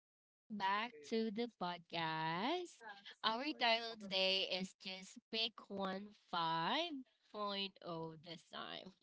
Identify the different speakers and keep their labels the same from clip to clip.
Speaker 1: welcome back to the podcast. Our title today is just pick one 5.0 Point Oh." this time.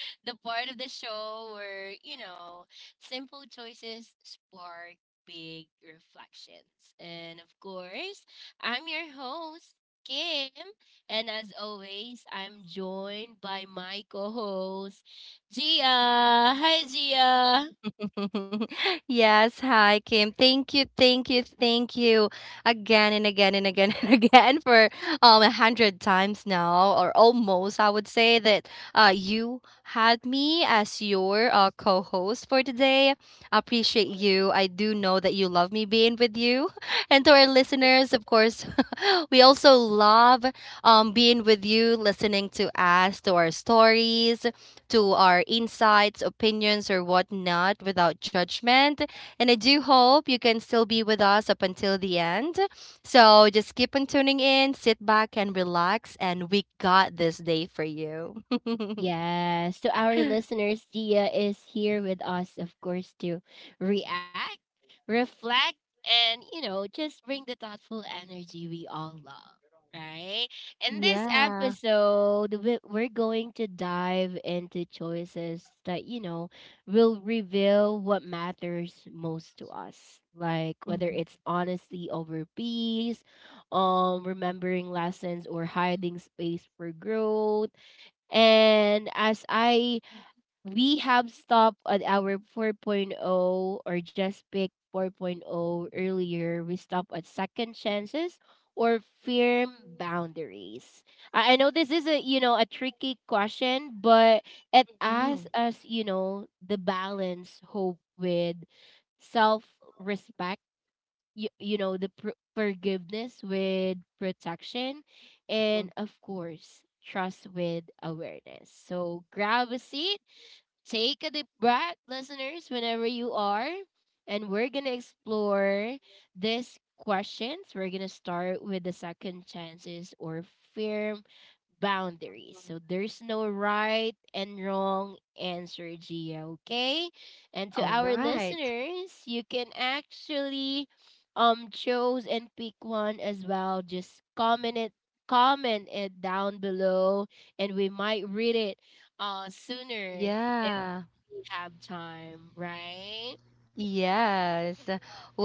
Speaker 1: the part of the show where, simple choices spark big reflections. And of course, I'm your host, Kim. And as always, I'm joined by my co host, Gia. Hi, Gia.
Speaker 2: Yes, hi Kim. Thank you, thank you, thank you again and again and again and again for 100 times now or almost. I would say that you had me as your co-host for today. I appreciate you. I do know that you love me being with you, and to our listeners, of course, we also love being with you, listening to us, to our stories, to our insights, opinions, or whatnot without judgment. And I do hope you can still be with us up until the end. So just keep on tuning in, sit back and relax, and we got this day for you.
Speaker 1: Yes, to our listeners, Gia is here with us, of course, to react, reflect, and, just bring the thoughtful energy we all love, right? In this
Speaker 2: Yeah.
Speaker 1: episode, we're going to dive into choices that, will reveal what matters most to us, like whether it's honesty over peace, remembering lessons, or hiding space for growth. And as I we have stopped at our 4.0 or just pick 4.0 earlier, we stop at second chances or firm boundaries. I know this is a a tricky question, but it asks
Speaker 2: Mhm.
Speaker 1: us, the balance hope with self respect you know the forgiveness with protection, and of course trust with awareness. So grab a seat. Take a deep breath, listeners, whenever you are. And we're going to explore these questions. We're going to start with the second chances or firm boundaries. So there's no right and wrong answer, Gia, okay? And to
Speaker 2: All
Speaker 1: our
Speaker 2: right.
Speaker 1: listeners, you can actually choose and pick one as well. Just comment it down below, and we might read it sooner
Speaker 2: Yeah.
Speaker 1: we have time, right?
Speaker 2: Yes.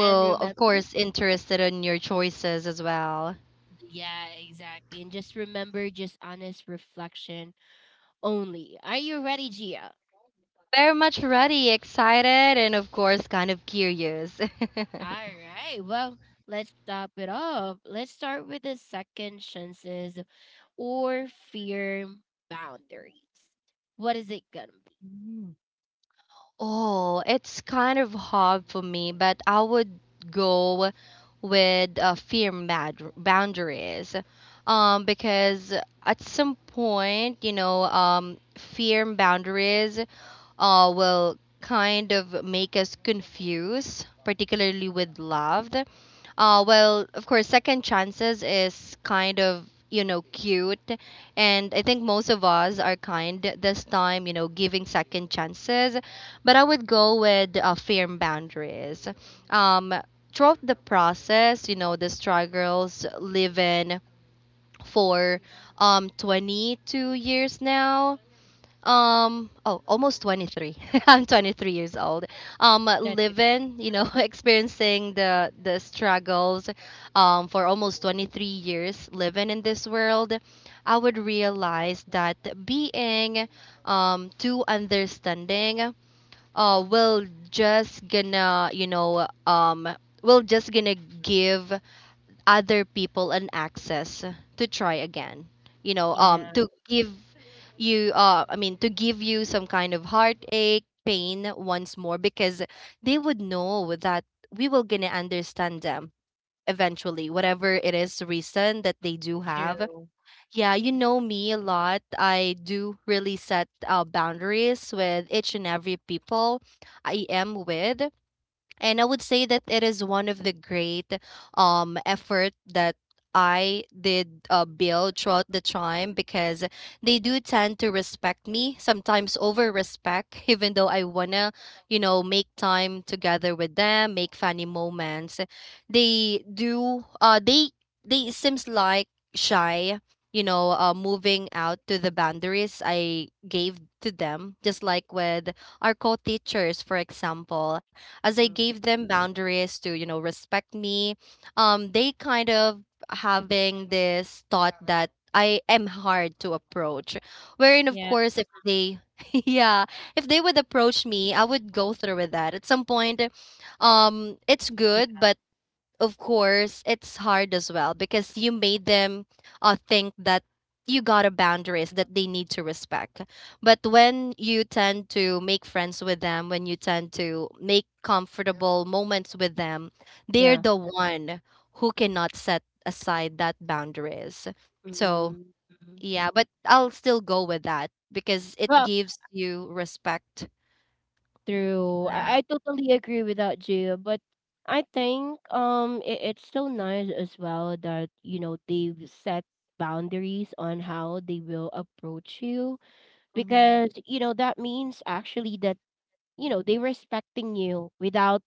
Speaker 1: And remember,
Speaker 2: of course, interested in your choices as well.
Speaker 1: yeah, exactly. And just remember, just honest reflection only. Are you ready, Gia?
Speaker 2: Very much ready, excited, and of course, kind of curious.
Speaker 1: All right. Well, let's top it off. Let's start with the second chances or fear boundaries. What is it gonna be?
Speaker 2: Mm. Oh, it's kind of hard for me, but I would go with fear boundaries. Because at some point, fear boundaries will kind of make us confused, particularly with love. Well, of course, second chances is kind of cute, and I think most of us are kind this time, giving second chances, but I would go with firm boundaries um throughout the process. The struggles, live in for 22 years now, oh, almost 23. I'm 23 years old.
Speaker 1: That's okay.
Speaker 2: Living, experiencing the struggles for almost 23 years living in this world, I would realize that being too understanding will just gonna, will just gonna give other people an access to try again.
Speaker 1: Yeah,
Speaker 2: To give you, I mean, to give you some kind of heartache pain once more, because they would know that we will gonna understand them eventually, whatever it is reason that they do have.
Speaker 1: true.
Speaker 2: Yeah, you know me a lot. I do really set boundaries with each and every people I am with, and I would say that it is one of the great effort that I did build throughout the time because they do tend to respect me, sometimes over respect, even though I wanna, make time together with them, make funny moments. They do they seems like shy, moving out to the boundaries I gave to them, just like with our co-teachers, for example. As I
Speaker 1: Mhm.
Speaker 2: gave them boundaries to, respect me, they kind of having this thought that I am hard to approach. Wherein, of
Speaker 1: Yeah,
Speaker 2: course, if they, yeah, if they would approach me, I would go through with that. At some point, it's
Speaker 1: yeah,
Speaker 2: good, but of course, it's hard as well because you made them think that you got a boundaries that they need to respect. But when you tend to make friends with them, when you tend to make comfortable moments with them, they're
Speaker 1: yeah.
Speaker 2: the one who cannot set aside that boundaries. So,
Speaker 1: Mm-hmm.
Speaker 2: yeah, but I'll still go with that because it
Speaker 1: Well,
Speaker 2: gives you respect.
Speaker 1: true.
Speaker 2: Yeah.
Speaker 1: I totally agree with that, Gia. But I think it's so nice as well that you know they've set boundaries on how they will approach you,
Speaker 2: Mhm.
Speaker 1: because you know that means actually that you know they're respecting you without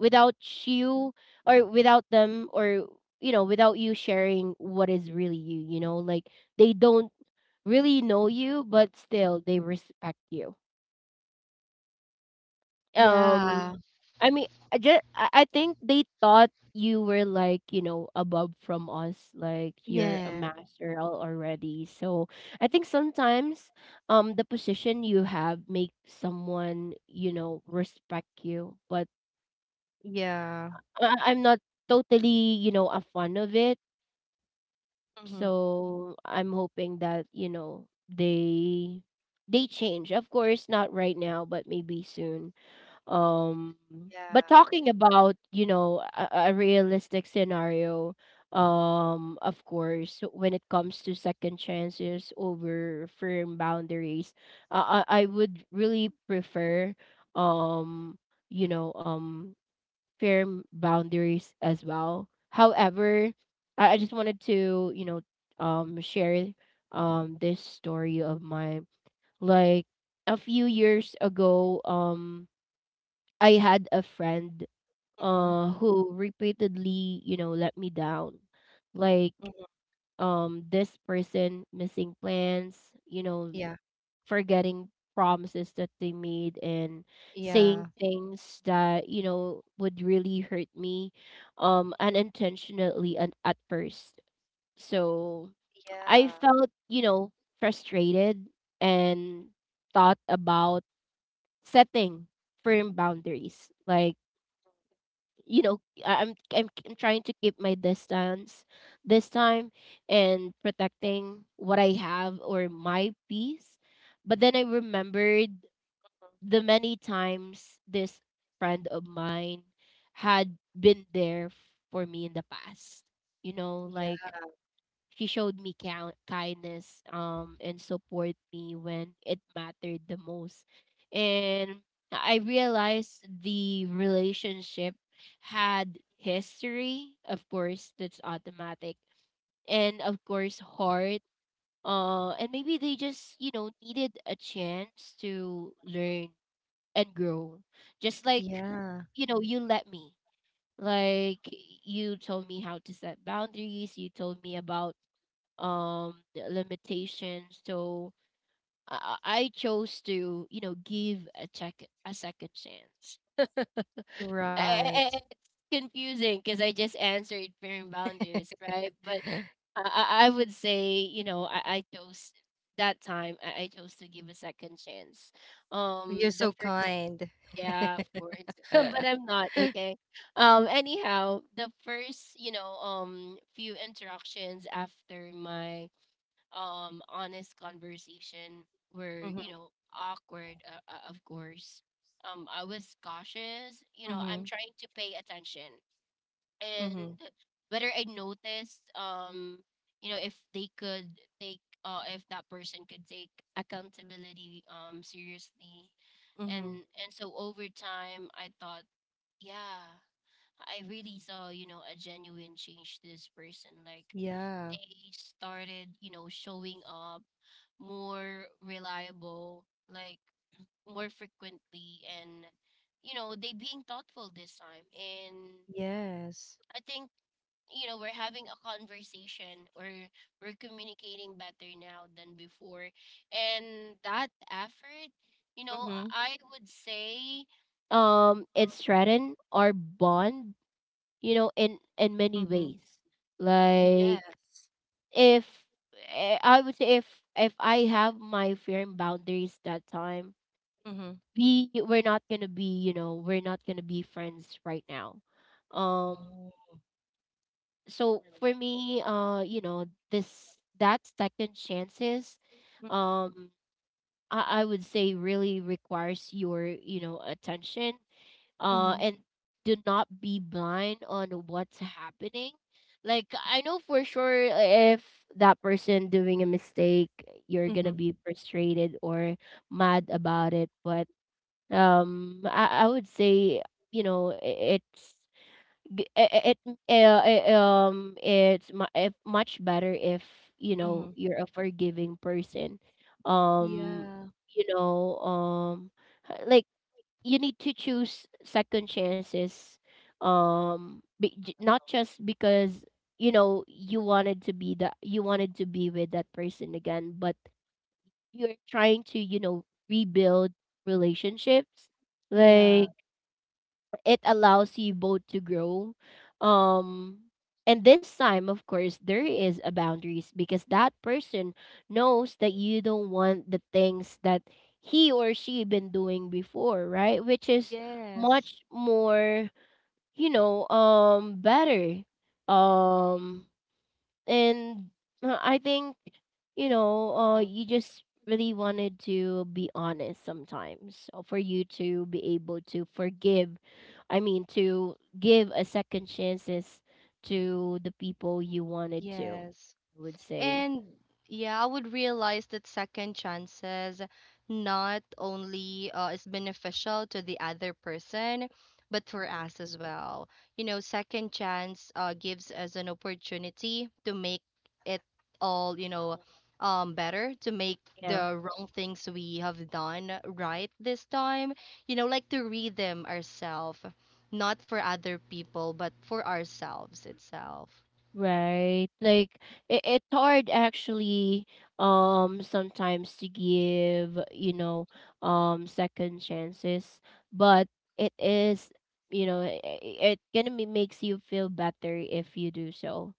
Speaker 1: without you or without them, or you know without you sharing what is really you you know. Like they don't really know you but still they respect you. um
Speaker 2: Yeah.
Speaker 1: I mean, I just I think they thought you were like you know above from us, like you're a
Speaker 2: Yeah.
Speaker 1: master already. So I think sometimes, the position you have make someone you know respect you, but
Speaker 2: Yeah.
Speaker 1: I'm not totally you know a fan of it.
Speaker 2: Hmm.
Speaker 1: So I'm hoping that you know they change. Of course, not right now, but maybe soon. Um, but
Speaker 2: Yeah.
Speaker 1: talking about, you know, a realistic scenario, of course, when it comes to second chances over firm boundaries, I would really prefer, um, you know, firm boundaries as well. However, I just wanted to, you know, share this story of mine. Like a few years ago, I had a friend who repeatedly, you know, let me down. Like this person missing plans, you know,
Speaker 2: Yeah.
Speaker 1: forgetting promises that they made, and saying
Speaker 2: Yeah.
Speaker 1: things that, you know, would really hurt me unintentionally and at first. So I
Speaker 2: Yeah.
Speaker 1: felt, you know, frustrated and thought about setting firm boundaries. Like you know I'm trying to keep my distance this time and protecting what I have or my peace. But then I remembered the many times this friend of mine had been there for me in the past. You know, like she showed me kindness, and support me when it mattered the most. And I realized the relationship had history, of course, that's automatic, and of course, heart. And maybe they just, you know, needed a chance to learn and grow. Just like,
Speaker 2: Yeah.
Speaker 1: you know, you let me. Like, you told me how to set boundaries, you told me about um limitations. So I chose to you know give a second chance.
Speaker 2: Right.
Speaker 1: It's confusing because I just answered firm boundaries right, but I would say you know I chose that time. I chose to give a second chance
Speaker 2: You're
Speaker 1: the
Speaker 2: so
Speaker 1: first.
Speaker 2: kind.
Speaker 1: Yeah, of course. But I'm not okay. Anyhow, the first you know few interactions after my honest conversation were you
Speaker 2: Mm-hmm.
Speaker 1: know awkward, of course. I was cautious, you know,
Speaker 2: Mm-hmm.
Speaker 1: I'm trying to pay attention and
Speaker 2: Mm-hmm.
Speaker 1: whether I noticed you know if they could take if that person could take accountability seriously.
Speaker 2: Mm-hmm.
Speaker 1: and and so over time I thought, yeah, I really saw, you know, a genuine change to this person. Like
Speaker 2: Yeah.
Speaker 1: they started, you know, showing up more reliable, like more frequently, and you know, they being thoughtful this time. And
Speaker 2: Yes.
Speaker 1: I think, you know, we're having a conversation or we're communicating better now than before. And that effort, you know,
Speaker 2: Mm-hmm.
Speaker 1: I would say it threatened our bond, you know, in many
Speaker 2: Mm-hmm.
Speaker 1: ways. Like
Speaker 2: Yes.
Speaker 1: if I would say if I have my firm boundaries that time,
Speaker 2: Mm-hmm.
Speaker 1: we're not gonna be you know we're not gonna be friends right now. um so for me you know this that second chances
Speaker 2: Mm.
Speaker 1: um I would say really requires your you know attention,
Speaker 2: Mm-hmm.
Speaker 1: and do not be blind on what's happening. Like I know for sure if that person doing a mistake you're gonna
Speaker 2: Mm-hmm.
Speaker 1: be frustrated or mad about it, but I would say you know it's g- i- i- it uh, i- it's if much better if you
Speaker 2: Mm-hmm.
Speaker 1: know you're a forgiving person. um
Speaker 2: Yeah.
Speaker 1: you know um like you need to choose second chances, not just because you know you wanted to be that you wanted to be with that person again, but you're trying to you know rebuild relationships.
Speaker 2: Yeah.
Speaker 1: Like it allows you both to grow, um and this time of course there is a boundaries because that person knows that you don't want the things that he or she been doing before, right? Which is
Speaker 2: Yes.
Speaker 1: much more you know better. um and I think, you know,
Speaker 2: Mm-hmm.
Speaker 1: you just really wanted to be honest sometimes for you to be able to forgive. I mean, to give a second chances to the people you wanted to,
Speaker 2: Yes.
Speaker 1: I would say.
Speaker 2: And yeah, I would realize that second chances not only is beneficial to the other person, but for us as well. You know, second chance gives us an opportunity to make it all, better, to make
Speaker 1: Mhm.
Speaker 2: the wrong things we have done right this time. You know, like to read them ourselves, not for other people, but for ourselves itself.
Speaker 1: Right. Like it's hard actually sometimes to give, you know, second chances, but it is, you know, it gonna be, makes you feel better if you do so.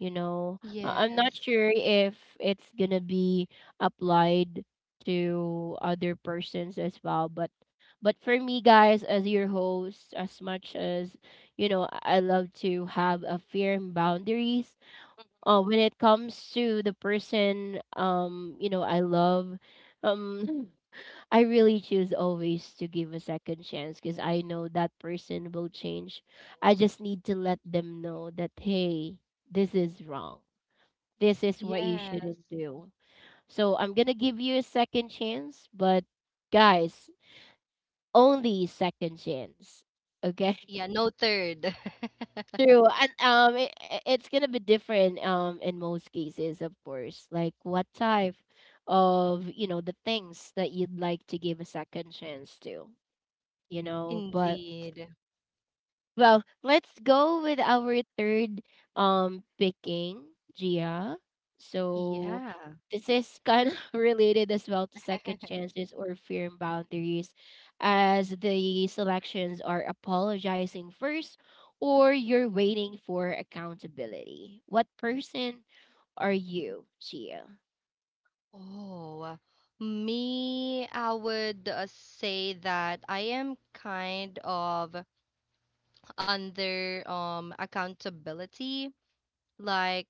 Speaker 1: You know, I'm not
Speaker 2: Yes.
Speaker 1: sure if it's gonna be applied to other persons as well, but for me guys as your host, as much as you know I love to have a firm boundaries, when it comes to the person you know I love, um I really choose always to give a second chance because I know that person will change. I just need to let them know that hey, this is wrong, this is what you
Speaker 2: Yes.
Speaker 1: shouldn't do. So I'm gonna give you a second chance, but guys, only second chance, okay.
Speaker 2: Yeah, no third.
Speaker 1: True, and it's gonna be different in most cases, of course. Like what type of you know the things that you'd like to give a second chance to, you know. But
Speaker 2: Indeed.
Speaker 1: well, let's go with our third picking, Gia. So
Speaker 2: Yeah.
Speaker 1: this is kind of related as well to second chances or firm boundaries, as the selections are apologizing first or you're waiting for accountability. What person are you, Gia?
Speaker 2: Oh, me, I would say that I am kind of under accountability. Like,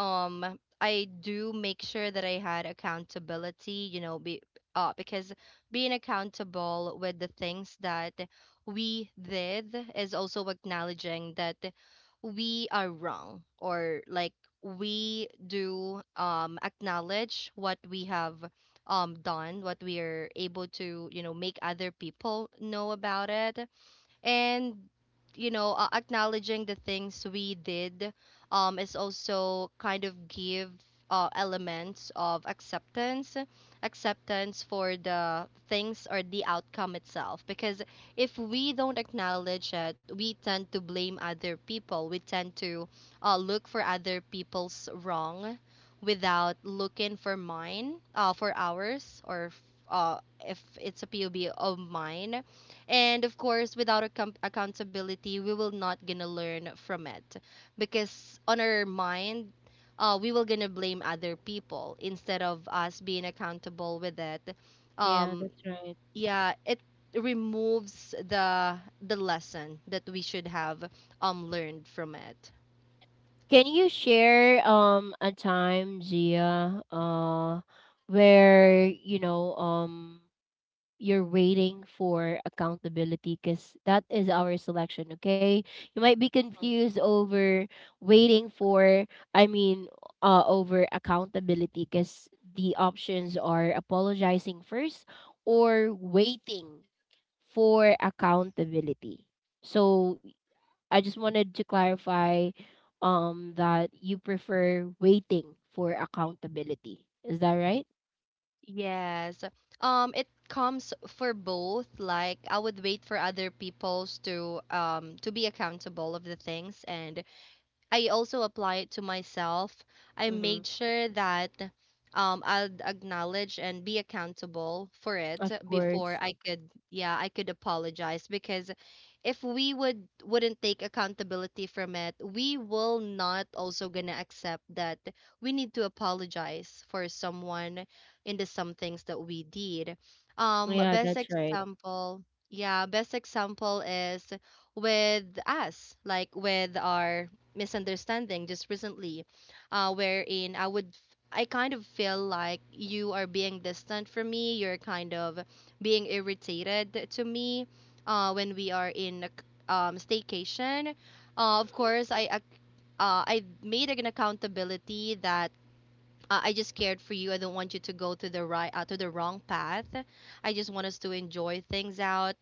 Speaker 2: I do make sure that I had accountability, you know, be because being accountable with the things that we did is also acknowledging that we are wrong, or like we do acknowledge what we have done, what we are able to, make other people know about it. And acknowledging the things we did is also kind of give elements of acceptance for the things or the outcome itself, because if we don't acknowledge it, we tend to blame other people, we tend to look for other people's wrong without looking for mine, for ours, or uh, if it's a pob of mine. And of course, without accountability, we will not gonna learn from it because on our mind, we will gonna blame other people instead of us being accountable with it.
Speaker 1: Yeah,
Speaker 2: um,
Speaker 1: that's right.
Speaker 2: yeah, it removes the lesson that we should have learned from it.
Speaker 1: Can you share a time, Gia, where you know you're waiting for accountability, because that is our selection, okay. You might be confused over waiting for, I mean, over accountability, because the options are apologizing first or waiting for accountability. So I just wanted to clarify that you prefer waiting for accountability, is that right?
Speaker 2: Yes, it comes for both. Like, I would wait for other people's to be accountable of the things, and I also apply it to myself. I
Speaker 1: Mm-hmm.
Speaker 2: made sure that I will acknowledge and be accountable for it
Speaker 1: Of
Speaker 2: before
Speaker 1: course.
Speaker 2: I could apologize, because if we wouldn't take accountability from it, we will not also gonna accept that we need to apologize for someone into some things that we did. Um
Speaker 1: Yeah,
Speaker 2: best
Speaker 1: that's right.
Speaker 2: example, yeah, best example is with us, like with our misunderstanding just recently, wherein I kind of feel like you are being distant from me. You're kind of being irritated to me when we are in a staycation. Of course, I made an accountability that I just cared for you. I don't want you to go to the wrong path. I just want us to enjoy things out.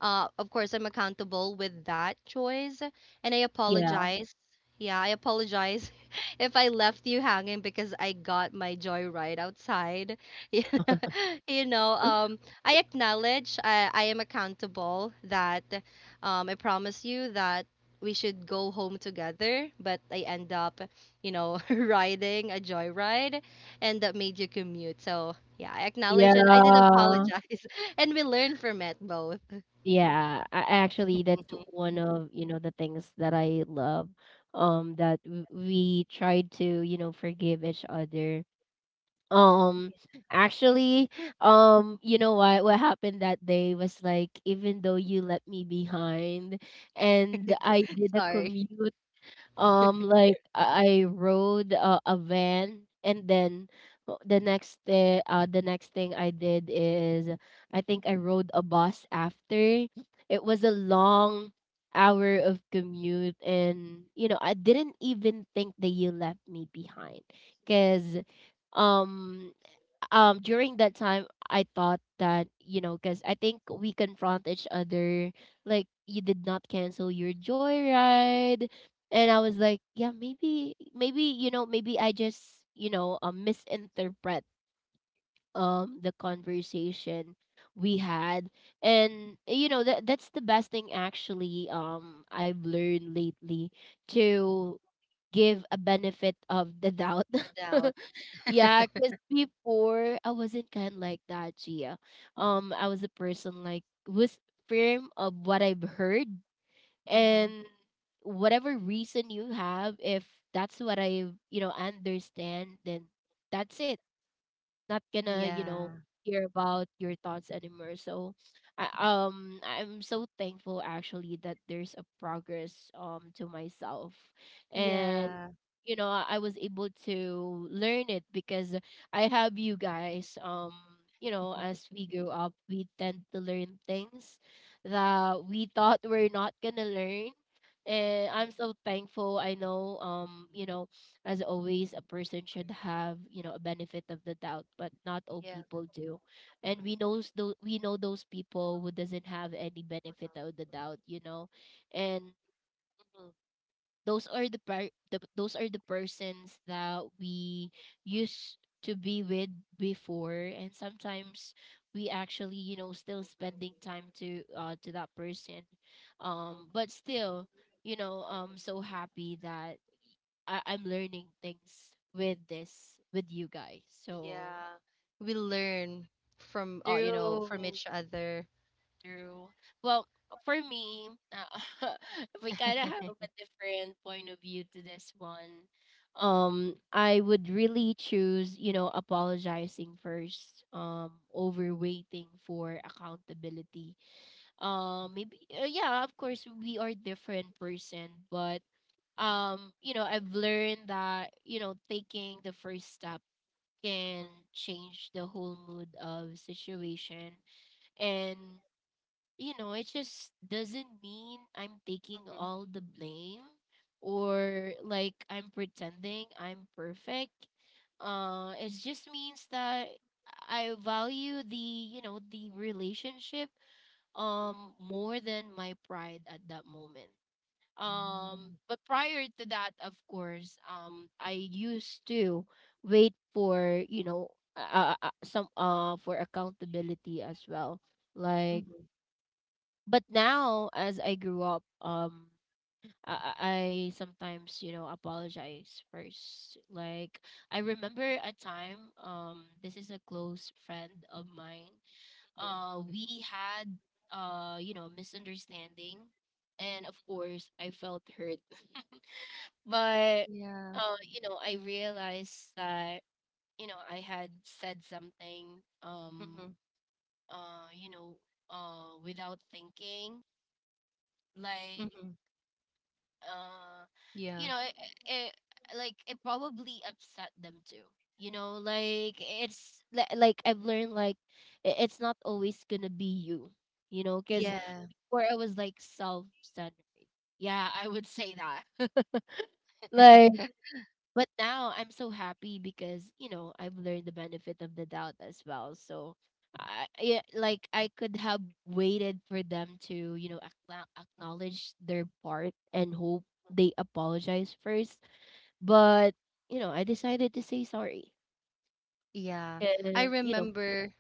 Speaker 2: Of course, I'm accountable with that choice, and I
Speaker 1: Yeah.
Speaker 2: apologize. Yeah, I apologize if I left you hanging because I got my joy right outside. you know, you know, um, I acknowledge I am accountable that I promise you that we should go home together, but I end up riding a joyride and that made you commute. So, yeah, I acknowledge and I did
Speaker 1: Yeah.
Speaker 2: apologize and we learned from it both.
Speaker 1: Yeah. I actually that's one of, you know, the things that I love. That we tried to, you know, forgive each other. Um, actually, you know what happened that day was like even though you left me behind and I did a
Speaker 2: Sorry,
Speaker 1: commute. Like I rode a van, and then the next day, the next thing I did is I think I rode a bus after. It was a long hour of commute, and you know I didn't even think that you left me behind, cause um during that time. I thought that, you know, because I think we confront each other, like you did not cancel your joyride, and I was like, yeah, maybe you know, maybe I just, you know, misinterpret the conversation we had. And you know, that's the best thing actually. I've learned lately to give a benefit of the doubt.
Speaker 2: no doubt.
Speaker 1: Yeah, because before I wasn't kind like that, Gia. I was a person like was firm of what I've heard,
Speaker 2: Mm-hmm.
Speaker 1: and whatever reason you have, if that's what I, you know, understand, then that's it. Not gonna, you know,
Speaker 2: Yeah.
Speaker 1: hear about your thoughts anymore. So I'm so thankful actually that there's a progress to myself. And
Speaker 2: Yeah.
Speaker 1: you know, I was able to learn it because I have you guys. You know, as we grow up, we tend to learn things that we thought we're not gonna learn. And
Speaker 2: Mm-hmm.
Speaker 1: I'm so thankful. I know, you know, as always, a person should have, you know, a benefit of the doubt, but not all
Speaker 2: Yeah.
Speaker 1: people do. And we know those people who doesn't have any benefit of the doubt, you know. And
Speaker 2: Mm-hmm.
Speaker 1: those are the, those are the persons that we used to be with before. And sometimes we actually, you know, still spending time to that person. But still, you know, I'm so happy that I'm learning things with this with you guys. So
Speaker 2: Yeah. We learn from
Speaker 1: through.
Speaker 2: each other.
Speaker 1: True. Well, for me, we kind of have a different point of view to this one. I would really choose, you know, apologizing first, over waiting for accountability. Yeah, of course, we are different person, but you know, I've learned that, you know, taking the first step can change the whole mood of situation. And you know, it just doesn't mean I'm taking
Speaker 2: Mm-hmm.
Speaker 1: all the blame, or like I'm pretending I'm perfect. It just means that I value the, you know, the relationship more than my pride at that moment.
Speaker 2: Mm-hmm.
Speaker 1: But prior to that, of course, I used to wait for, you know, some for accountability as well, like.
Speaker 2: Mm-hmm.
Speaker 1: But now, as I grew up, I sometimes, you know, apologize first. Like, I remember a time, this is a close friend of mine. We had you know, misunderstanding, and of course I felt hurt, but
Speaker 2: Yeah.
Speaker 1: you know, I realized that, you know, I had said something,
Speaker 2: Mm-hmm.
Speaker 1: you know, without thinking, like
Speaker 2: Mm-hmm.
Speaker 1: uh
Speaker 2: Yeah.
Speaker 1: you know it, it, like it probably upset them too, you know. Like like I've learned, like it's not always gonna be you, you know, because
Speaker 2: Yeah.
Speaker 1: before I was like self-centered. Yeah, I would say that. Like, but now I'm so happy because, you know, I've learned the benefit of the doubt as well. So I, yeah, like I could have waited for them to, you know, acknowledge their part and hope they apologize first. But, you know, I decided to say sorry.
Speaker 2: Yeah. I
Speaker 1: You know,
Speaker 2: remember.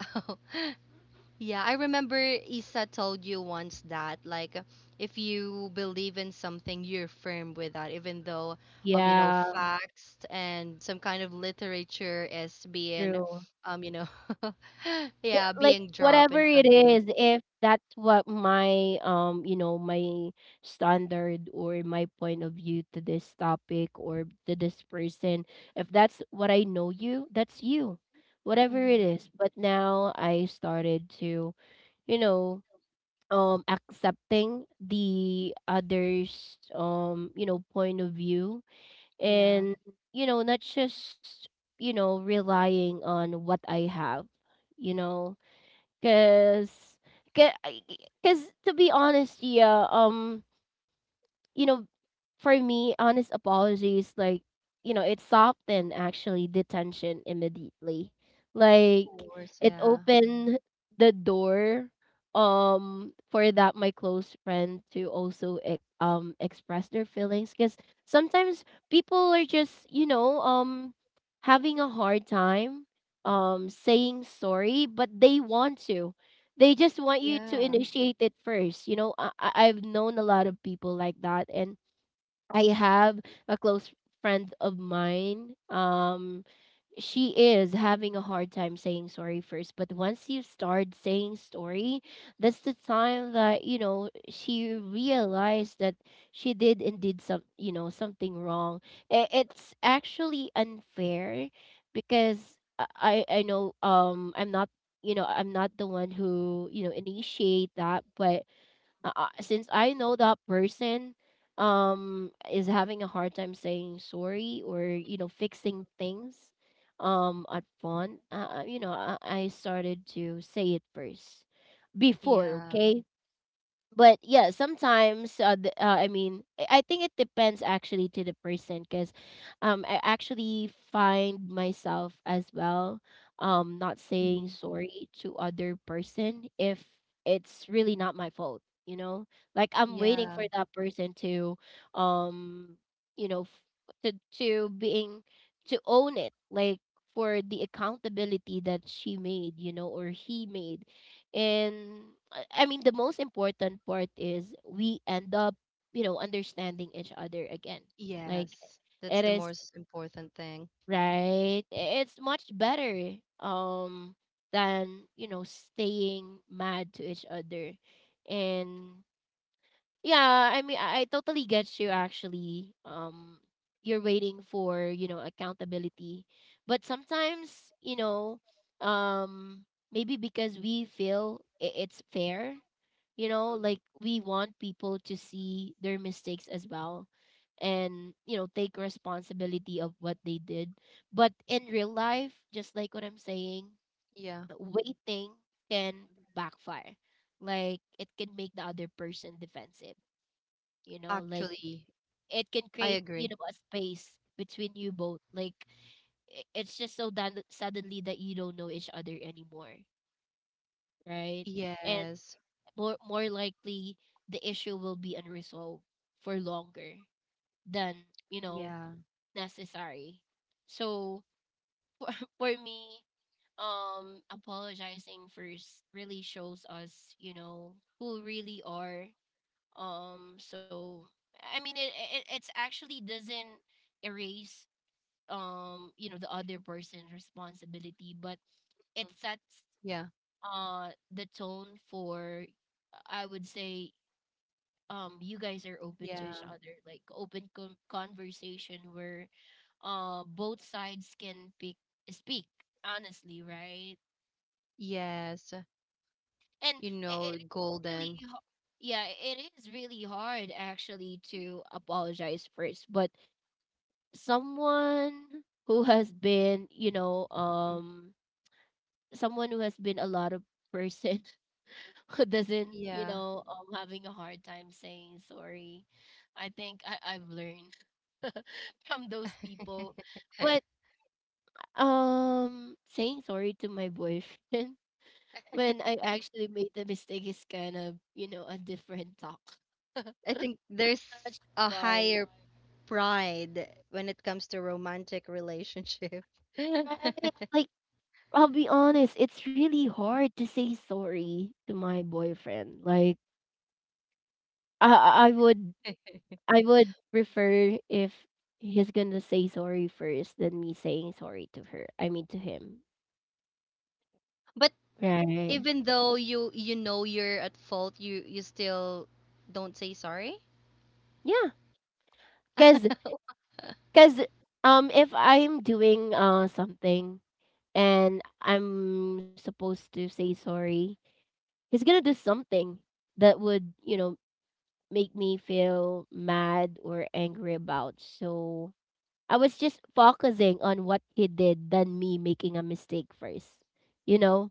Speaker 2: Yeah, I remember Isa told you once that like if you believe in something, you're firm with that, even though
Speaker 1: yeah,
Speaker 2: facts and some kind of literature is being
Speaker 1: true.
Speaker 2: um you know
Speaker 1: Yeah,
Speaker 2: yeah
Speaker 1: like
Speaker 2: being dropped
Speaker 1: whatever
Speaker 2: in front
Speaker 1: it
Speaker 2: of you.
Speaker 1: is, if that's what my you know, my standard or my point of view to this topic or to this person, if that's what I know, you, that's you. Whatever it
Speaker 2: Hmm.
Speaker 1: is. But now I started to, you know, accepting the others, you know, point of view.
Speaker 2: Yeah,
Speaker 1: And you know, not just, you know, relying on what I have, you know. Cause, cause, cause to be honest, yeah, you know, for me, honest apologies, like, you know, it softened actually the tension immediately.
Speaker 2: of
Speaker 1: Like,
Speaker 2: course.
Speaker 1: it
Speaker 2: Yeah,
Speaker 1: opened the door, for that my close friend to also express their feelings. Cause sometimes people are just, you know, having a hard time, saying sorry, but they just want you to
Speaker 2: yeah,
Speaker 1: initiate it first. You know, I've known a lot of people like that. And I have a close friend of mine. She is having a hard time saying sorry first, but once you start saying sorry, that's the time that, you know, she realized that she did indeed some, you know, something wrong. It's actually unfair because I know, I'm not, you know, I'm not the one who, you know, initiate that. But since I know that person is having a hard time saying sorry or, you know, fixing things, at fun you know, I started to say it first before,
Speaker 2: yeah.
Speaker 1: okay. But yeah, sometimes I mean, I think it depends actually to the person, because I actually find myself as well not saying
Speaker 2: Hmm.
Speaker 1: sorry to other person if it's really not my fault, you know. Like I'm waiting
Speaker 2: Yeah.
Speaker 1: for that person to um you know to to being to own it, like, for the accountability that she made, you know, or he made. And I mean, the most important part is we end up, you know, understanding each other again. Like,
Speaker 2: Yes, that's
Speaker 1: it
Speaker 2: the
Speaker 1: is,
Speaker 2: most important thing.
Speaker 1: right? It's much better than, you know, staying mad to each other. And yeah, I mean, I totally get you actually, you're waiting for, you know, accountability. But sometimes, you know, um maybe because we feel it's fair, you know, like we want people to see their mistakes as well and, you know, take responsibility of what they did. But in real life, just like what I'm saying,
Speaker 2: Yeah,
Speaker 1: waiting can backfire. Like it can make the other person defensive, you know. Like
Speaker 2: actually,
Speaker 1: it can
Speaker 2: I
Speaker 1: create,
Speaker 2: agree.
Speaker 1: you know, a space between you both. Like it's just so that suddenly that you don't know each other anymore, right? And
Speaker 2: Yes.
Speaker 1: more likely the issue will be unresolved for longer than, you know,
Speaker 2: Yeah.
Speaker 1: necessary. So for me, apologizing first really shows us, you know, who really are. So I mean, it it's actually doesn't erase you know, the other person's responsibility, but it sets
Speaker 2: Yeah.
Speaker 1: the tone for, I would say, you guys are open to
Speaker 2: Yeah.
Speaker 1: each other, like open conversation where both sides can pick speak honestly, right?
Speaker 2: Yes.
Speaker 1: And
Speaker 2: You
Speaker 1: I
Speaker 2: know,
Speaker 1: it is really
Speaker 2: golden.
Speaker 1: yeah, it is really hard actually to apologize first, but someone who has been, you know,
Speaker 2: Mm.
Speaker 1: someone who has been a lot of person who doesn't, you
Speaker 2: Yeah,
Speaker 1: know, having a hard time saying sorry, I think I've learned from those people. But saying sorry to my boyfriend when I actually made the mistake is kind of, you know, a different talk.
Speaker 2: I think
Speaker 1: That's
Speaker 2: there's a
Speaker 1: why.
Speaker 2: higher pride when it comes to romantic relationship.
Speaker 1: Right. Like, I'll be honest, it's really hard to say sorry to my boyfriend. Like, I I I would I would prefer if he's gonna say sorry first than me saying sorry to her. I mean to him.
Speaker 2: But
Speaker 1: Right.
Speaker 2: even though you know you're at fault, you still don't say sorry.
Speaker 1: Yeah. Cause Because if I'm doing something and I'm supposed to say sorry, he's gonna do something that would, you know, make me feel mad or angry about. So I was just focusing on what he did than me making a mistake first. You know,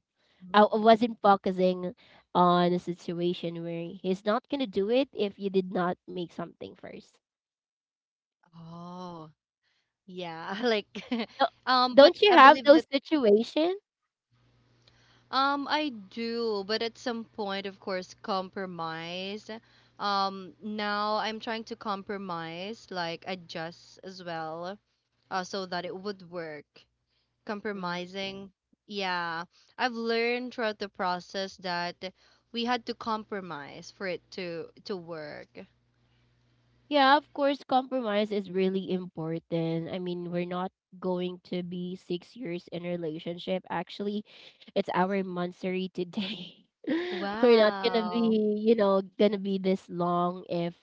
Speaker 1: I wasn't focusing on a situation where he's not gonna do it if you did not make something first.
Speaker 2: Oh, yeah, like
Speaker 1: So,
Speaker 2: but
Speaker 1: don't
Speaker 2: I
Speaker 1: you have
Speaker 2: believe that.
Speaker 1: those situation?
Speaker 2: I do, but at some point, of course, compromise. Now I'm trying to compromise, like adjust as well, so that it would work.
Speaker 1: Mm.
Speaker 2: Compromising, yeah. I've learned throughout the process that we had to compromise for it to work.
Speaker 1: Yeah, of course, compromise is really important. I mean, we're not going to be 6 years in a relationship. Actually, it's our monthsary today. We're not gonna
Speaker 2: Wow.
Speaker 1: be, you know, gonna be this long if,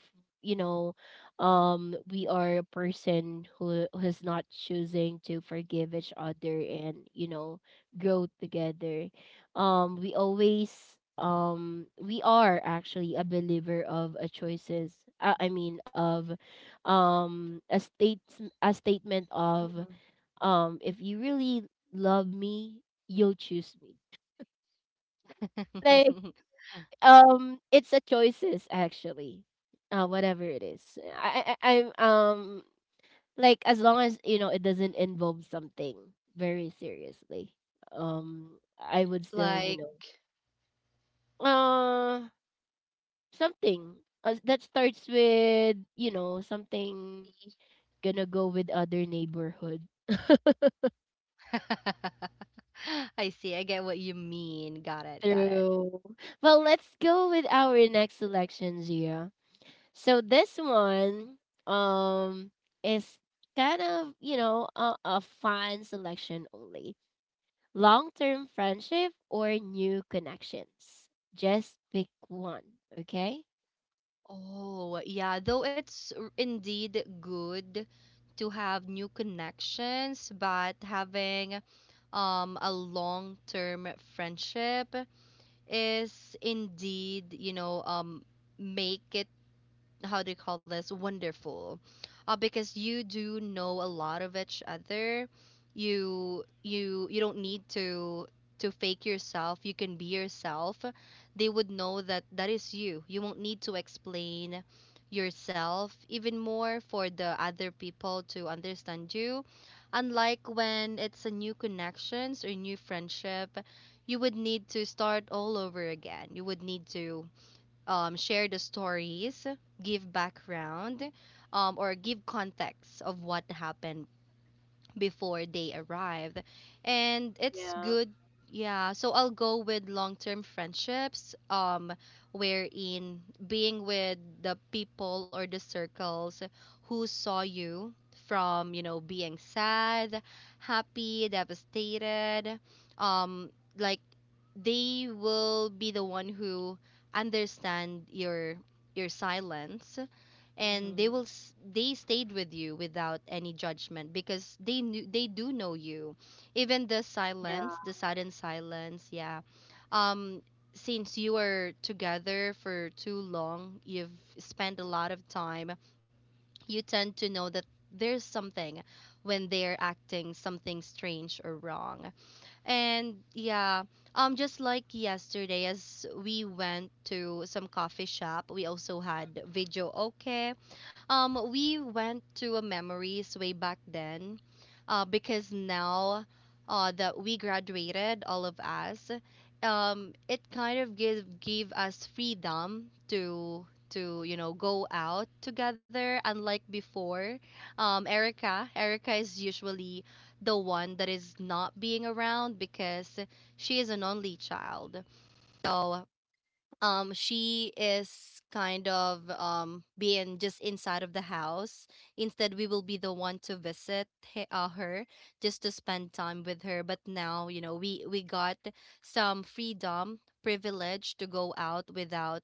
Speaker 1: you know, we are a person who who's not choosing to forgive each other and, you know, grow together. We are actually a believer of a choices. Of a state a statement of, if you really love me, you'll choose me. Like,
Speaker 2: Mhm.
Speaker 1: it's a choices actually. Whatever it is, I'm like, as long as, you know, it doesn't involve something very seriously, um I would still,
Speaker 2: Like,
Speaker 1: you know, uh something as that starts with, you know, something gonna go with other neighborhood.
Speaker 2: I see. I get what you mean. Got it. Got it.
Speaker 1: True. Well, let's go with our next selection, Gia. So this one um is kind of, you know, a fun selection only. Long-term friendship or new connections. Just pick one, okay?
Speaker 2: Oh, yeah, though it's indeed good to have new connections, but having a long-term friendship is indeed, make it, how do you call this, wonderful, because you do know a lot of each other. You don't need to fake yourself, you can be yourself, they would know that that is you. You won't need to explain yourself even more for the other people to understand you, unlike when it's a new connections or new friendship. You would need to start all over again, you would need to share the stories, give background, or give context of what happened before they arrived. And it's
Speaker 1: Yeah.
Speaker 2: good, yeah. So I'll go with long term friendships, wherein being with the people or the circles who saw you from, being sad, happy, devastated, um, like they will be the one who understand your silence, and
Speaker 1: Mm-hmm.
Speaker 2: they stayed with you without any judgment because they do know you, even
Speaker 1: Yeah.
Speaker 2: the sudden silence. Yeah. um since you are together for too long, you've spent a lot of time, you tend to know that there's something when they're acting something strange or wrong. And yeah, just like yesterday, as we went to some coffee shop, we also had video. Okay, we went to a memories way back then, because now that we graduated, all of us, it kind of give gave us freedom to you know go out together, unlike before. Erica is usually the one that is not being around because she is an only child. So she is kind of being just inside of the house. Instead, we will be the one to visit her just to spend time with her. But now, you know, we got some freedom privilege to go out without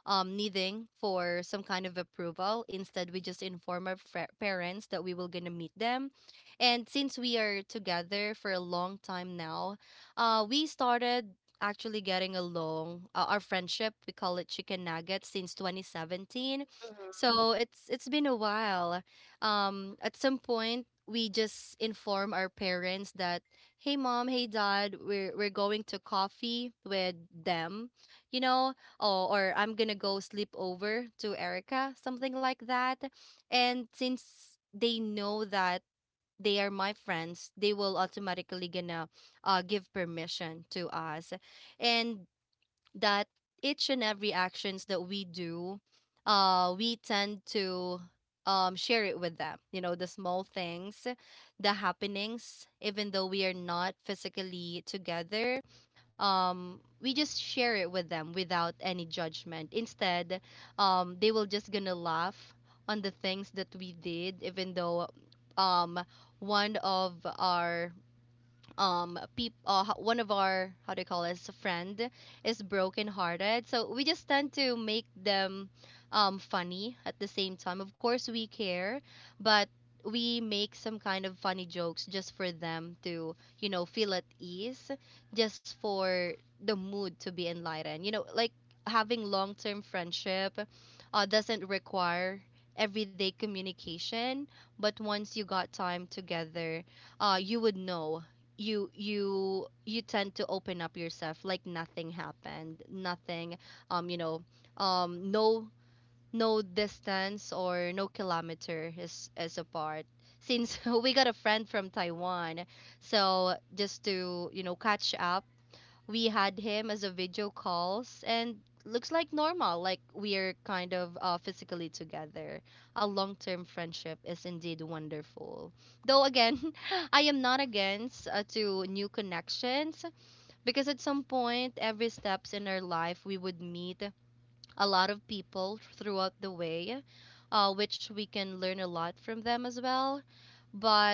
Speaker 2: needing for some kind of approval. Instead, we just inform our parents that we will gonna meet them. And since we are together for a long time now, we started actually getting along. Our friendship, we call it Chicken Nuggets since 2017. So it's been a while. At some point, we just inform our parents that, hey mom, hey dad, we're going to coffee with them, you know, or I'm gonna go
Speaker 1: It
Speaker 2: sleep
Speaker 1: is
Speaker 2: over
Speaker 1: nice
Speaker 2: to Erica,
Speaker 1: actually
Speaker 2: something
Speaker 1: if,
Speaker 2: like
Speaker 1: you
Speaker 2: that.
Speaker 1: know,
Speaker 2: And
Speaker 1: you
Speaker 2: since
Speaker 1: guys
Speaker 2: they know
Speaker 1: experience
Speaker 2: that
Speaker 1: that, Gia.
Speaker 2: they are my friends, they will automatically gonna give permission to us. And that each and every actions that we do, we tend to share it with them, you know, the small things, the happenings, even though we are not physically together. We just share it with them without any judgment. Instead, they will just gonna laugh on the things that we did, even though, um one of our one of our, how do you call this, friend is brokenhearted, so we just tend to make them funny. At the same time, of course, we care, but we make some kind of funny jokes just for them to, you know, feel at ease, just for the mood to be enlightened. You know, like having long-term friendship doesn't require everyday communication. But once you got time together, you would know, you tend to open up yourself like nothing happened. Nothing you know No, no distance or no kilometer is apart. Since we got a friend from taiwan, so just to, you know, catch up, we had him as a video calls and looks like normal, like we're kind of physically together. A long-term friendship is indeed wonderful, though again. I am not against to new connections, because at some point every steps in our life we would meet a lot of people throughout the way, which we can learn a lot from them as well. But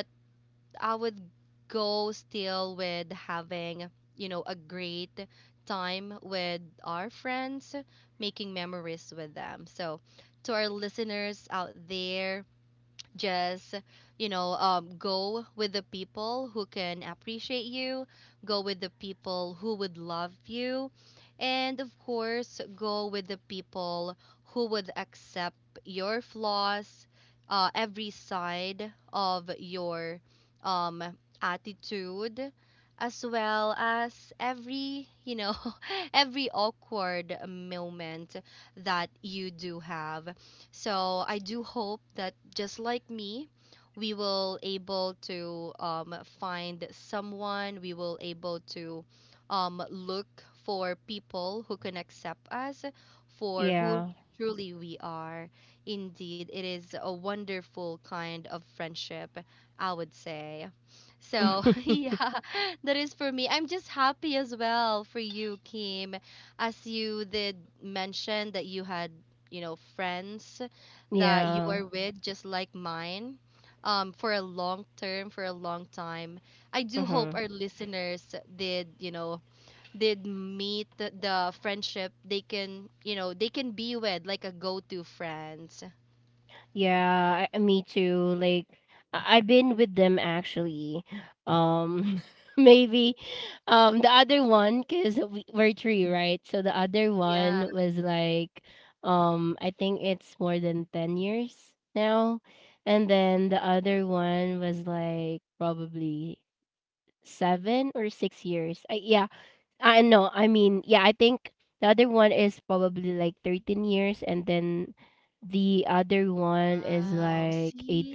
Speaker 2: I would go still with having, you know, a great time with our friends, making memories with them. So, to our listeners out there, just, go with the people who can appreciate you, go with the people who would love you, and of course go with the people who would accept your flaws, every side of your, um, attitude, as well as every, you know, every awkward moment that you do have. So I do hope that, just like me, we will able to find someone. We will able to look for people who can accept us for who truly we are. Indeed, it is a wonderful kind of friendship, I would say. So yeah, that is for me. I'm just happy as well for you, Kim, as you did mention that you had, you know, friends that you are with, just like mine, for a long term, for a long time. I do hope our listeners did, you know, did meet the friendship they can, you know, they can be with, like a go-to friends. Yeah. Wow. See?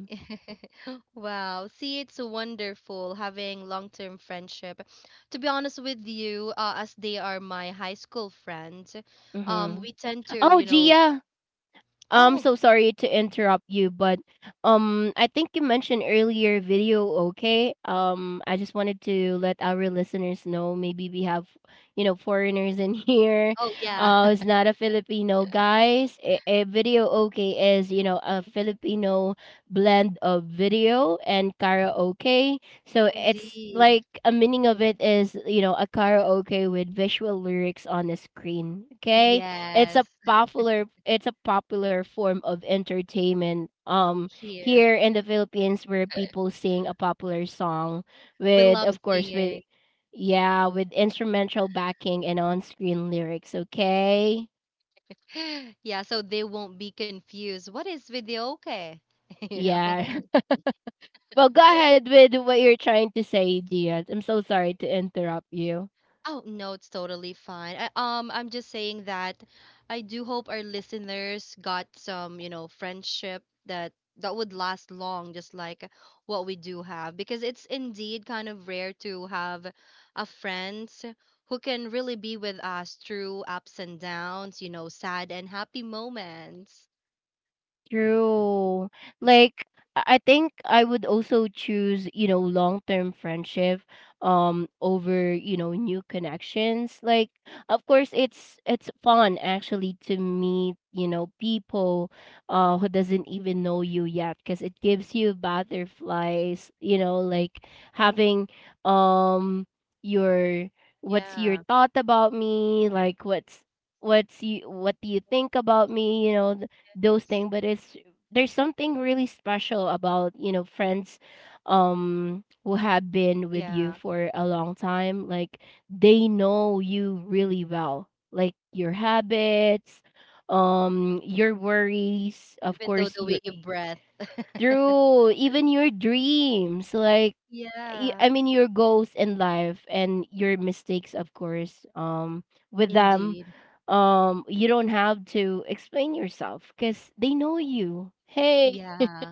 Speaker 2: Wow. See, it's wonderful having long-term friendship. To be honest with you, as they are my high school friends, we tend to, you know, oh, oh yeah. Indeed. Yes. Here. We love singing. Yeah, so they won't be confused. What is videoke? You know? Oh no, it's totally fine. I, I'm just saying that I do hope our listeners got some, you know, friendship that that would last long, just like what we do have, because it's indeed kind of rare to have a friends who can really be with us through ups and downs, you know, sad and happy moments. Yeah. Yes. Yeah. Even though the way you breath. Yeah. Indeed. Yeah.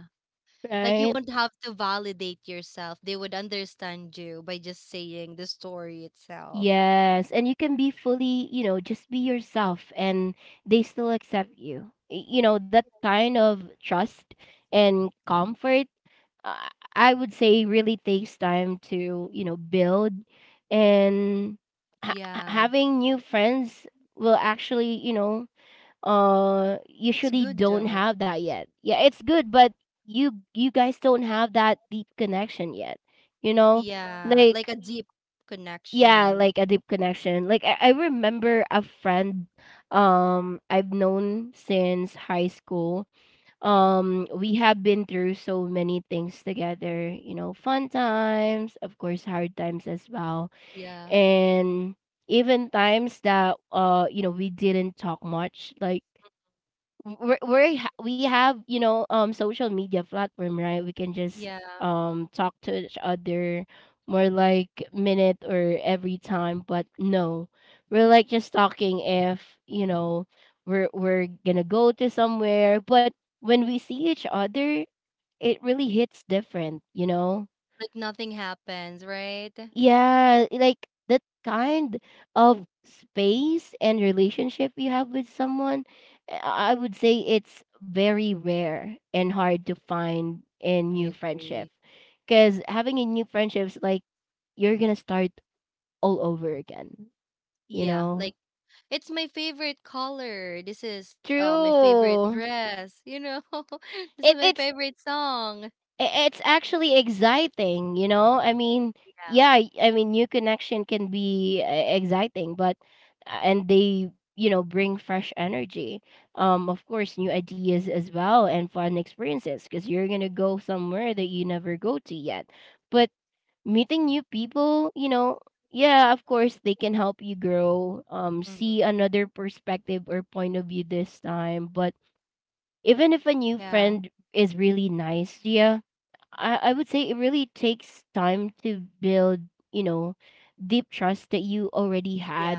Speaker 2: Like you won't have to validate yourself. They would understand you by just saying the story itself. Yeah. It's good though. Yeah. Like a deep connection. Yeah. Yeah. Like nothing happens, right? I agree. Yeah. Like it's my favorite color. This is my favorite dress, you know. This is my favorite song. Yeah. Hmm. Yeah. Yeah.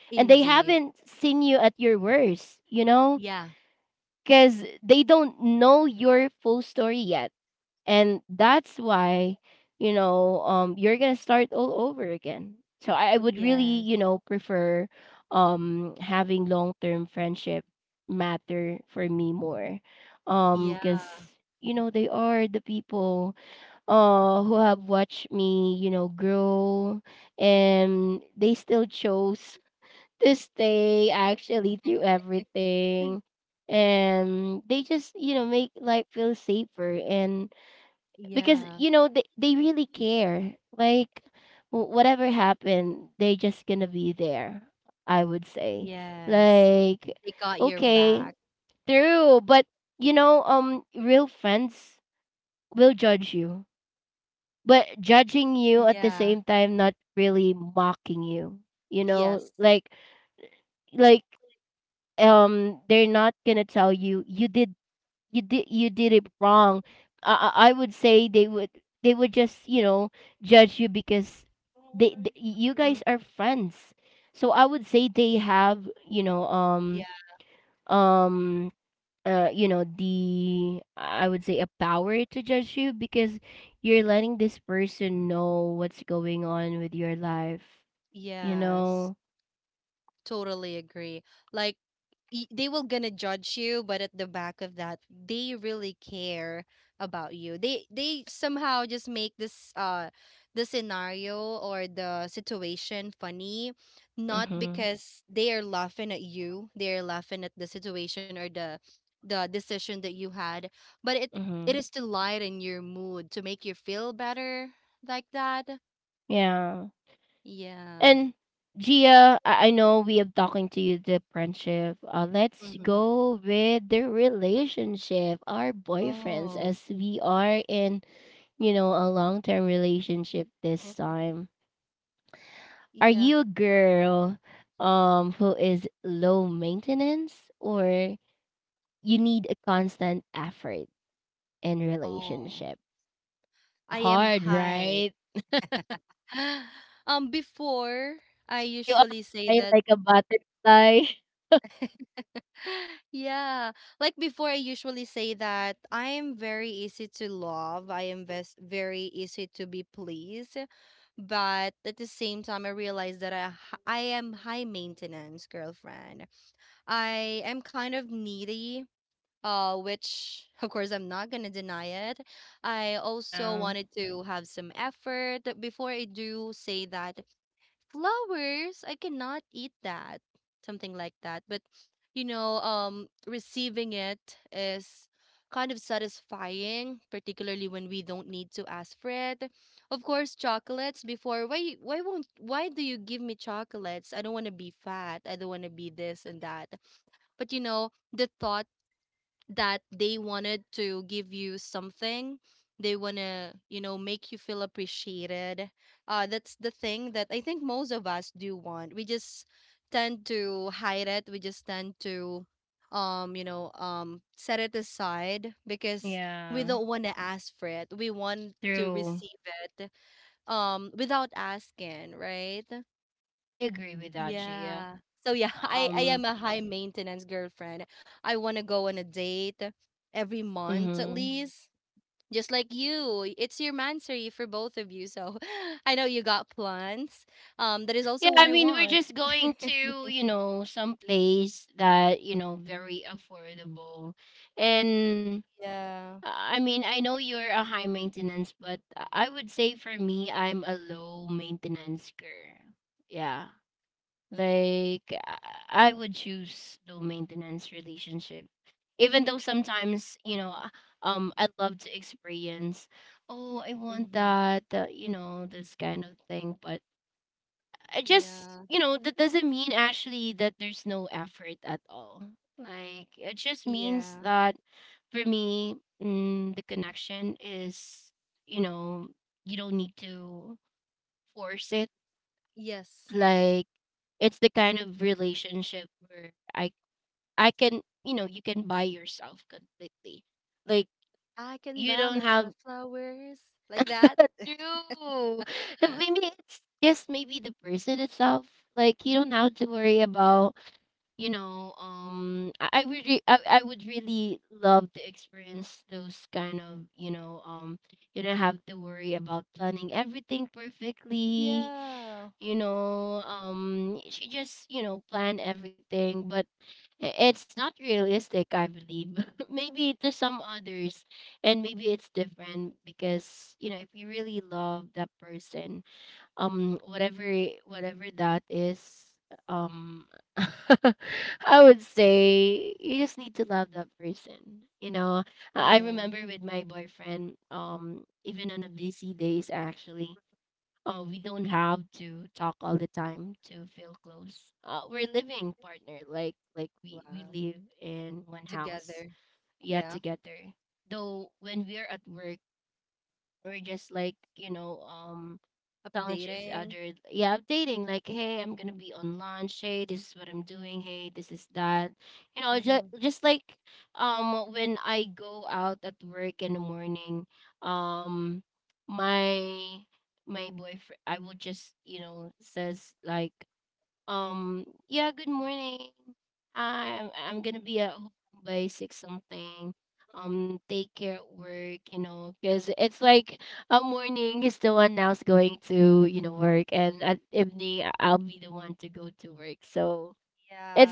Speaker 2: Indeed. Yeah. Yes. Yeah. Yeah. Yes. They got your back. Yeah. Yes. Mm. Yeah. Yes. Totally agree. Like they will gonna judge you, but at the back of that, they really care about you. They somehow just make this the scenario or the situation funny, not because they are laughing at you, they are laughing at the situation or the decision that you had, but it is to lighten your mood to make you feel better like that. Yeah. Hmm. Oh. Yeah. Oh, I am high. Before I usually say that Yeah. Like before, I usually say that I am very easy to love. I am very easy to be pleased. But at the same time, I realize that I am high maintenance girlfriend. I am kind of needy, which of course I'm not gonna deny it. I also wanted to have some effort before I do say that flowers, I cannot eat that, something like that. But you know, receiving it is kind of satisfying, particularly when we don't need to ask for it. Of course, chocolates before, why won't, why do you give me chocolates? I don't want to be fat. I don't want to be this and that. But you know the thought that they wanted to give you something, they want to, you know, make you feel appreciated, that's the thing that I think most of us do want. We just tend to hide it, we just tend to, you know, set it aside because we don't want to ask for it, we want to receive it, without asking, right? Yeah. So yeah, I am a high maintenance girlfriend. I want to go on a date every month at Mm. least, just like you. It's your mansory for both of you. So I know you got plants. That is also what I want. Yeah. Hmm. Yeah. Yeah. Yes. I can buy myself flowers like that. Yeah. Yeah. Wow. Together. Yeah. Updating. Mm-hmm. Yeah.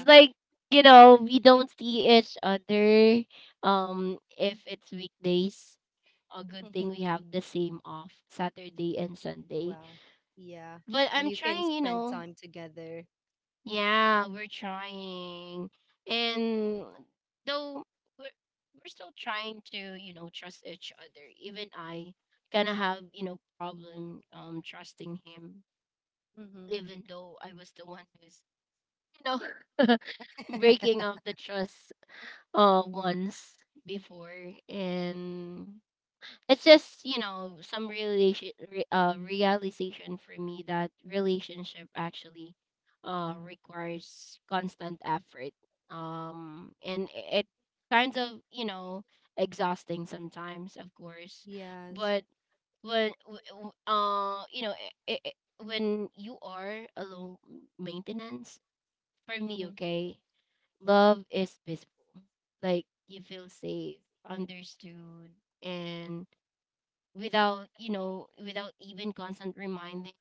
Speaker 2: Wow. Yeah. You can spend time together. Mm-hmm. Yes. Mm-hmm.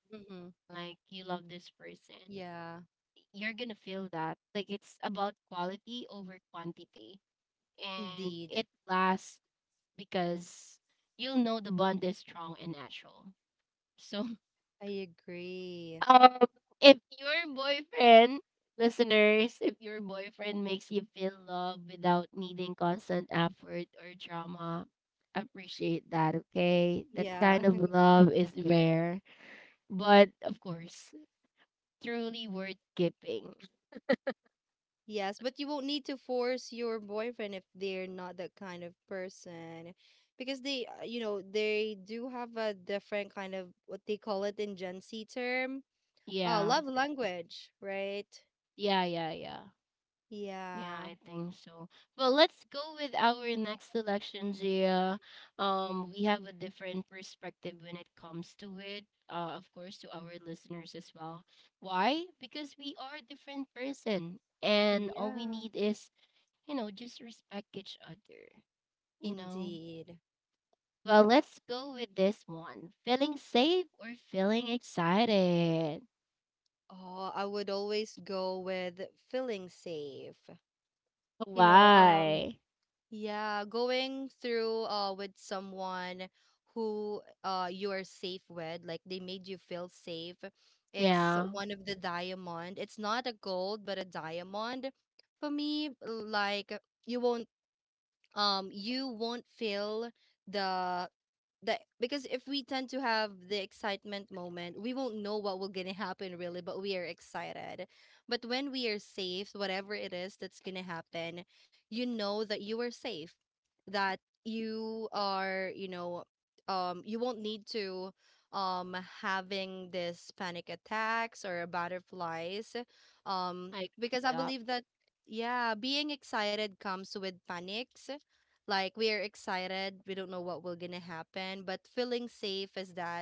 Speaker 2: Mm-hmm. Yeah. Indeed. I agree. Yeah. Yes. But you won't need to force your boyfriend if they're not that kind of person. Because they, you know, they do have a different kind of what they call it in Gen Z term. Oh, love language, right? Yeah. Yeah. Indeed. Oh, I would always go with feeling safe. You know, yeah, going through with someone who you are safe with, like they made you feel safe is one of the diamond. It's not a gold, but a diamond. For me, like you won't, you won't feel the the because if we tend to have the excitement moment, we won't know what will gonna happen really, but we are excited. But when we are safe, whatever it is that's gonna happen, you know that you are safe, that you are, you won't need to, um having this panic attacks or butterflies, because I believe that, yeah, being excited comes with panics. Like we are excited, we don't know what will gonna happen, but feeling safe is that,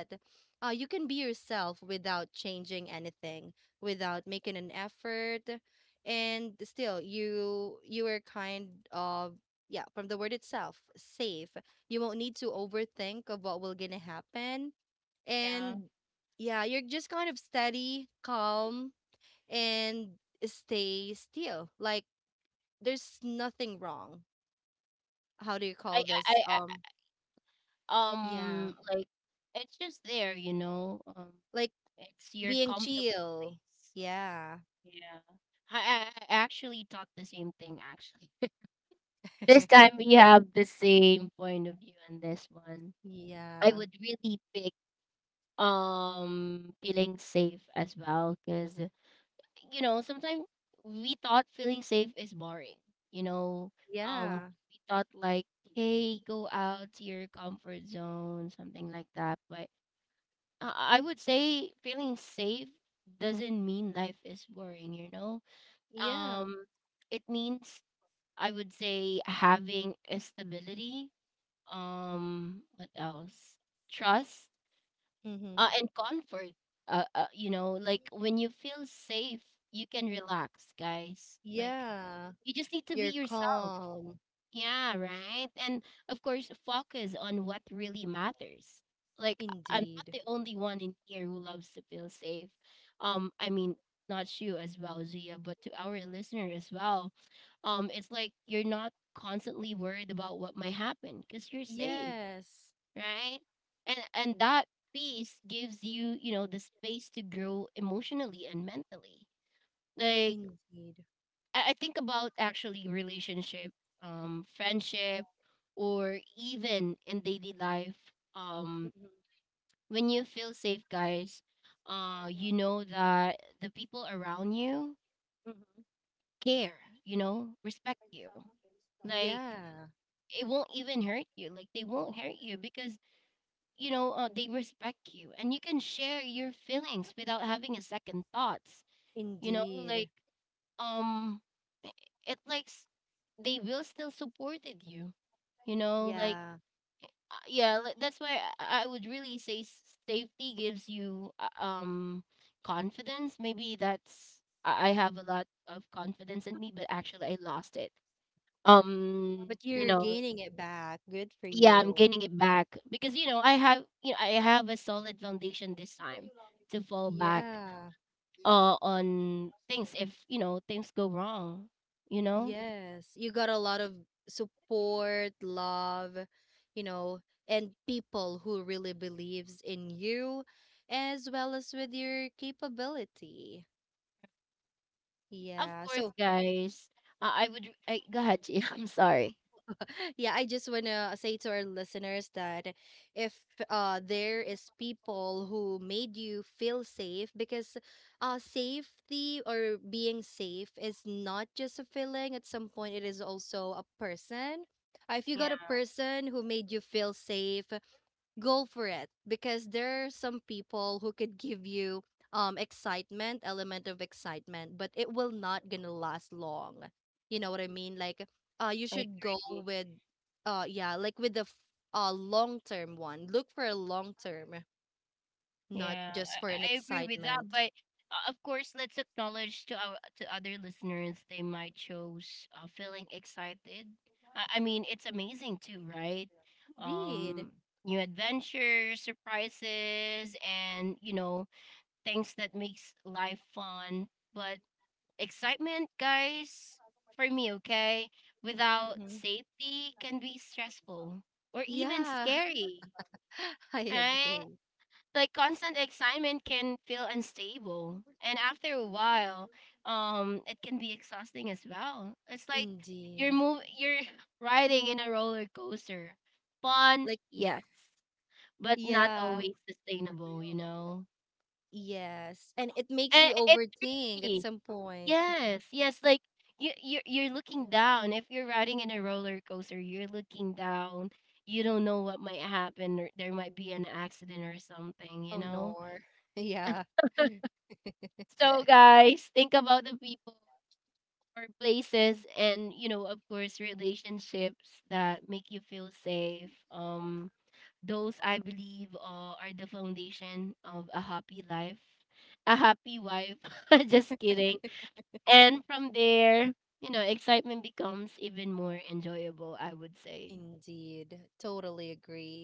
Speaker 2: you can be yourself without changing anything, without making an effort, and still you are kind of, yeah, from the word itself, safe. You won't need to overthink of what will gonna happen, and yeah, you're just kind of steady, calm, and stay still. Like there's nothing wrong. How do you call this? Yeah. Like being chill. Yeah. Yeah. Yeah. Yeah. Mm-hmm. Yeah. You're calm. Indeed. Yes. Indeed. Mm-hmm. Yeah. Indeed. Yeah. But you're gaining it back. Good for you. Yeah. Yes, you got a lot of support, love, you know, and people who really believes in you as well as with your capability. Yeah. So yeah, I just want to say to our listeners that if there is people who made you feel safe, because safety or being safe is not just a feeling, at some point, it is also a person. If you got a person who made you feel safe, go for it, because there are some people who could give you, excitement, element of excitement, but it will not gonna last long. You know what I mean? Like you should go with, yeah, like with long term one, look for a long term, not just for an excitement. Indeed. Hmm. Yeah. I agree. Indeed. Like yeah. Yes, and it makes you overthink at some point. Oh, nor. Yeah. Indeed. Totally agree.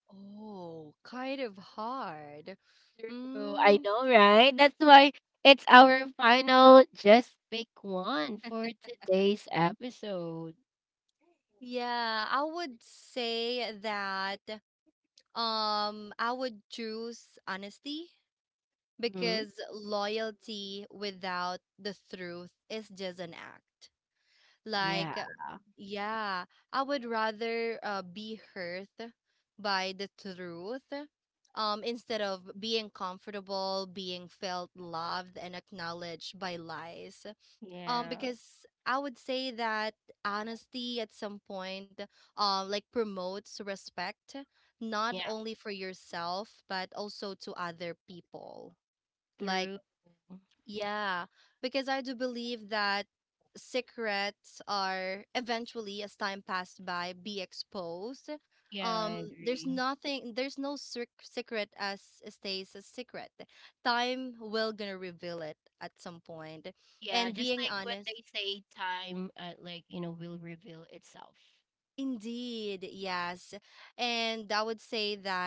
Speaker 2: Oh, kind of hard. Mm, yeah, I would say that I would choose honesty, because loyalty without the truth is just an act. Like, yeah, I would rather be hurt by the truth, instead of being comfortable, being felt loved and acknowledged by lies. Because I would say that honesty at some point, like promotes respect, not only for yourself, but also to other people. Like, yeah, because I do believe that secrets are eventually, as time pass by, be exposed. Um, there's no secret as stays a secret. Time will gonna reveal it at some point. And being honest, indeed, yes. And I would say that,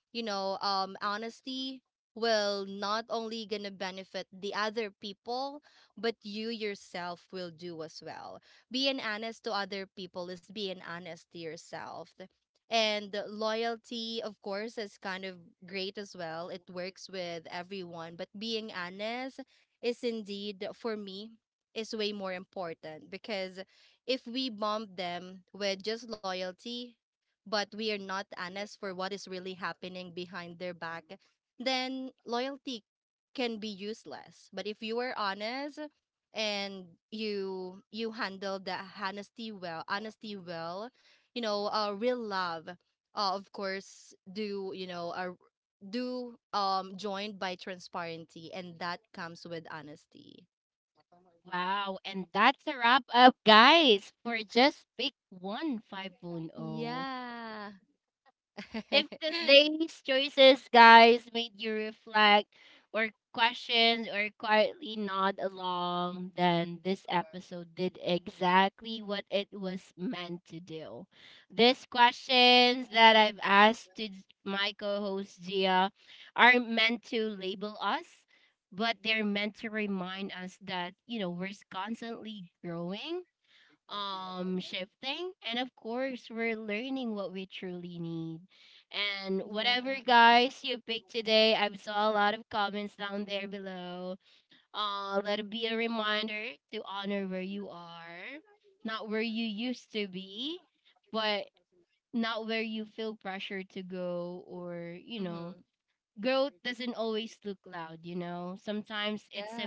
Speaker 2: you know, honesty will not only gonna benefit the other people, but you yourself will do as well. Being honest to other people is being honest to yourself. And loyalty, of course, is kind of great as well. It works with everyone, but being honest is indeed, for me, is way more important, because if we bomb them with just loyalty, but we are not honest for what is really happening behind their back, then loyalty can be useless. But if you are honest and you handle the honesty well, you know, real love, of course, do you know, do joined by transparency, and that comes with honesty. Yeah. Yeah. Hmm. Yeah,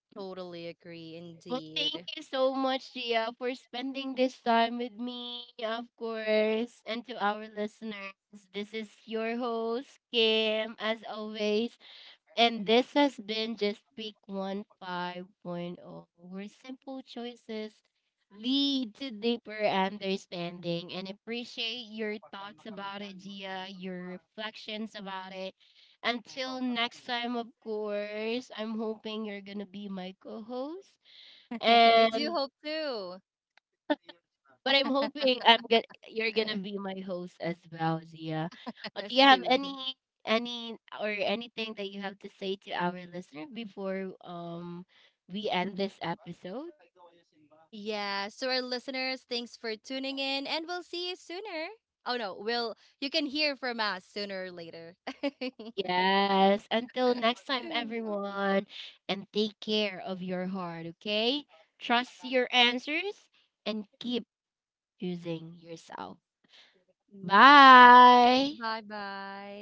Speaker 2: totally agree indeed. I do hope too. Soon. Yeah, so our listeners, thanks for tuning in and we'll see you sooner. Oh no, we'll you can hear from us sooner or later. Yeah. Bye-bye.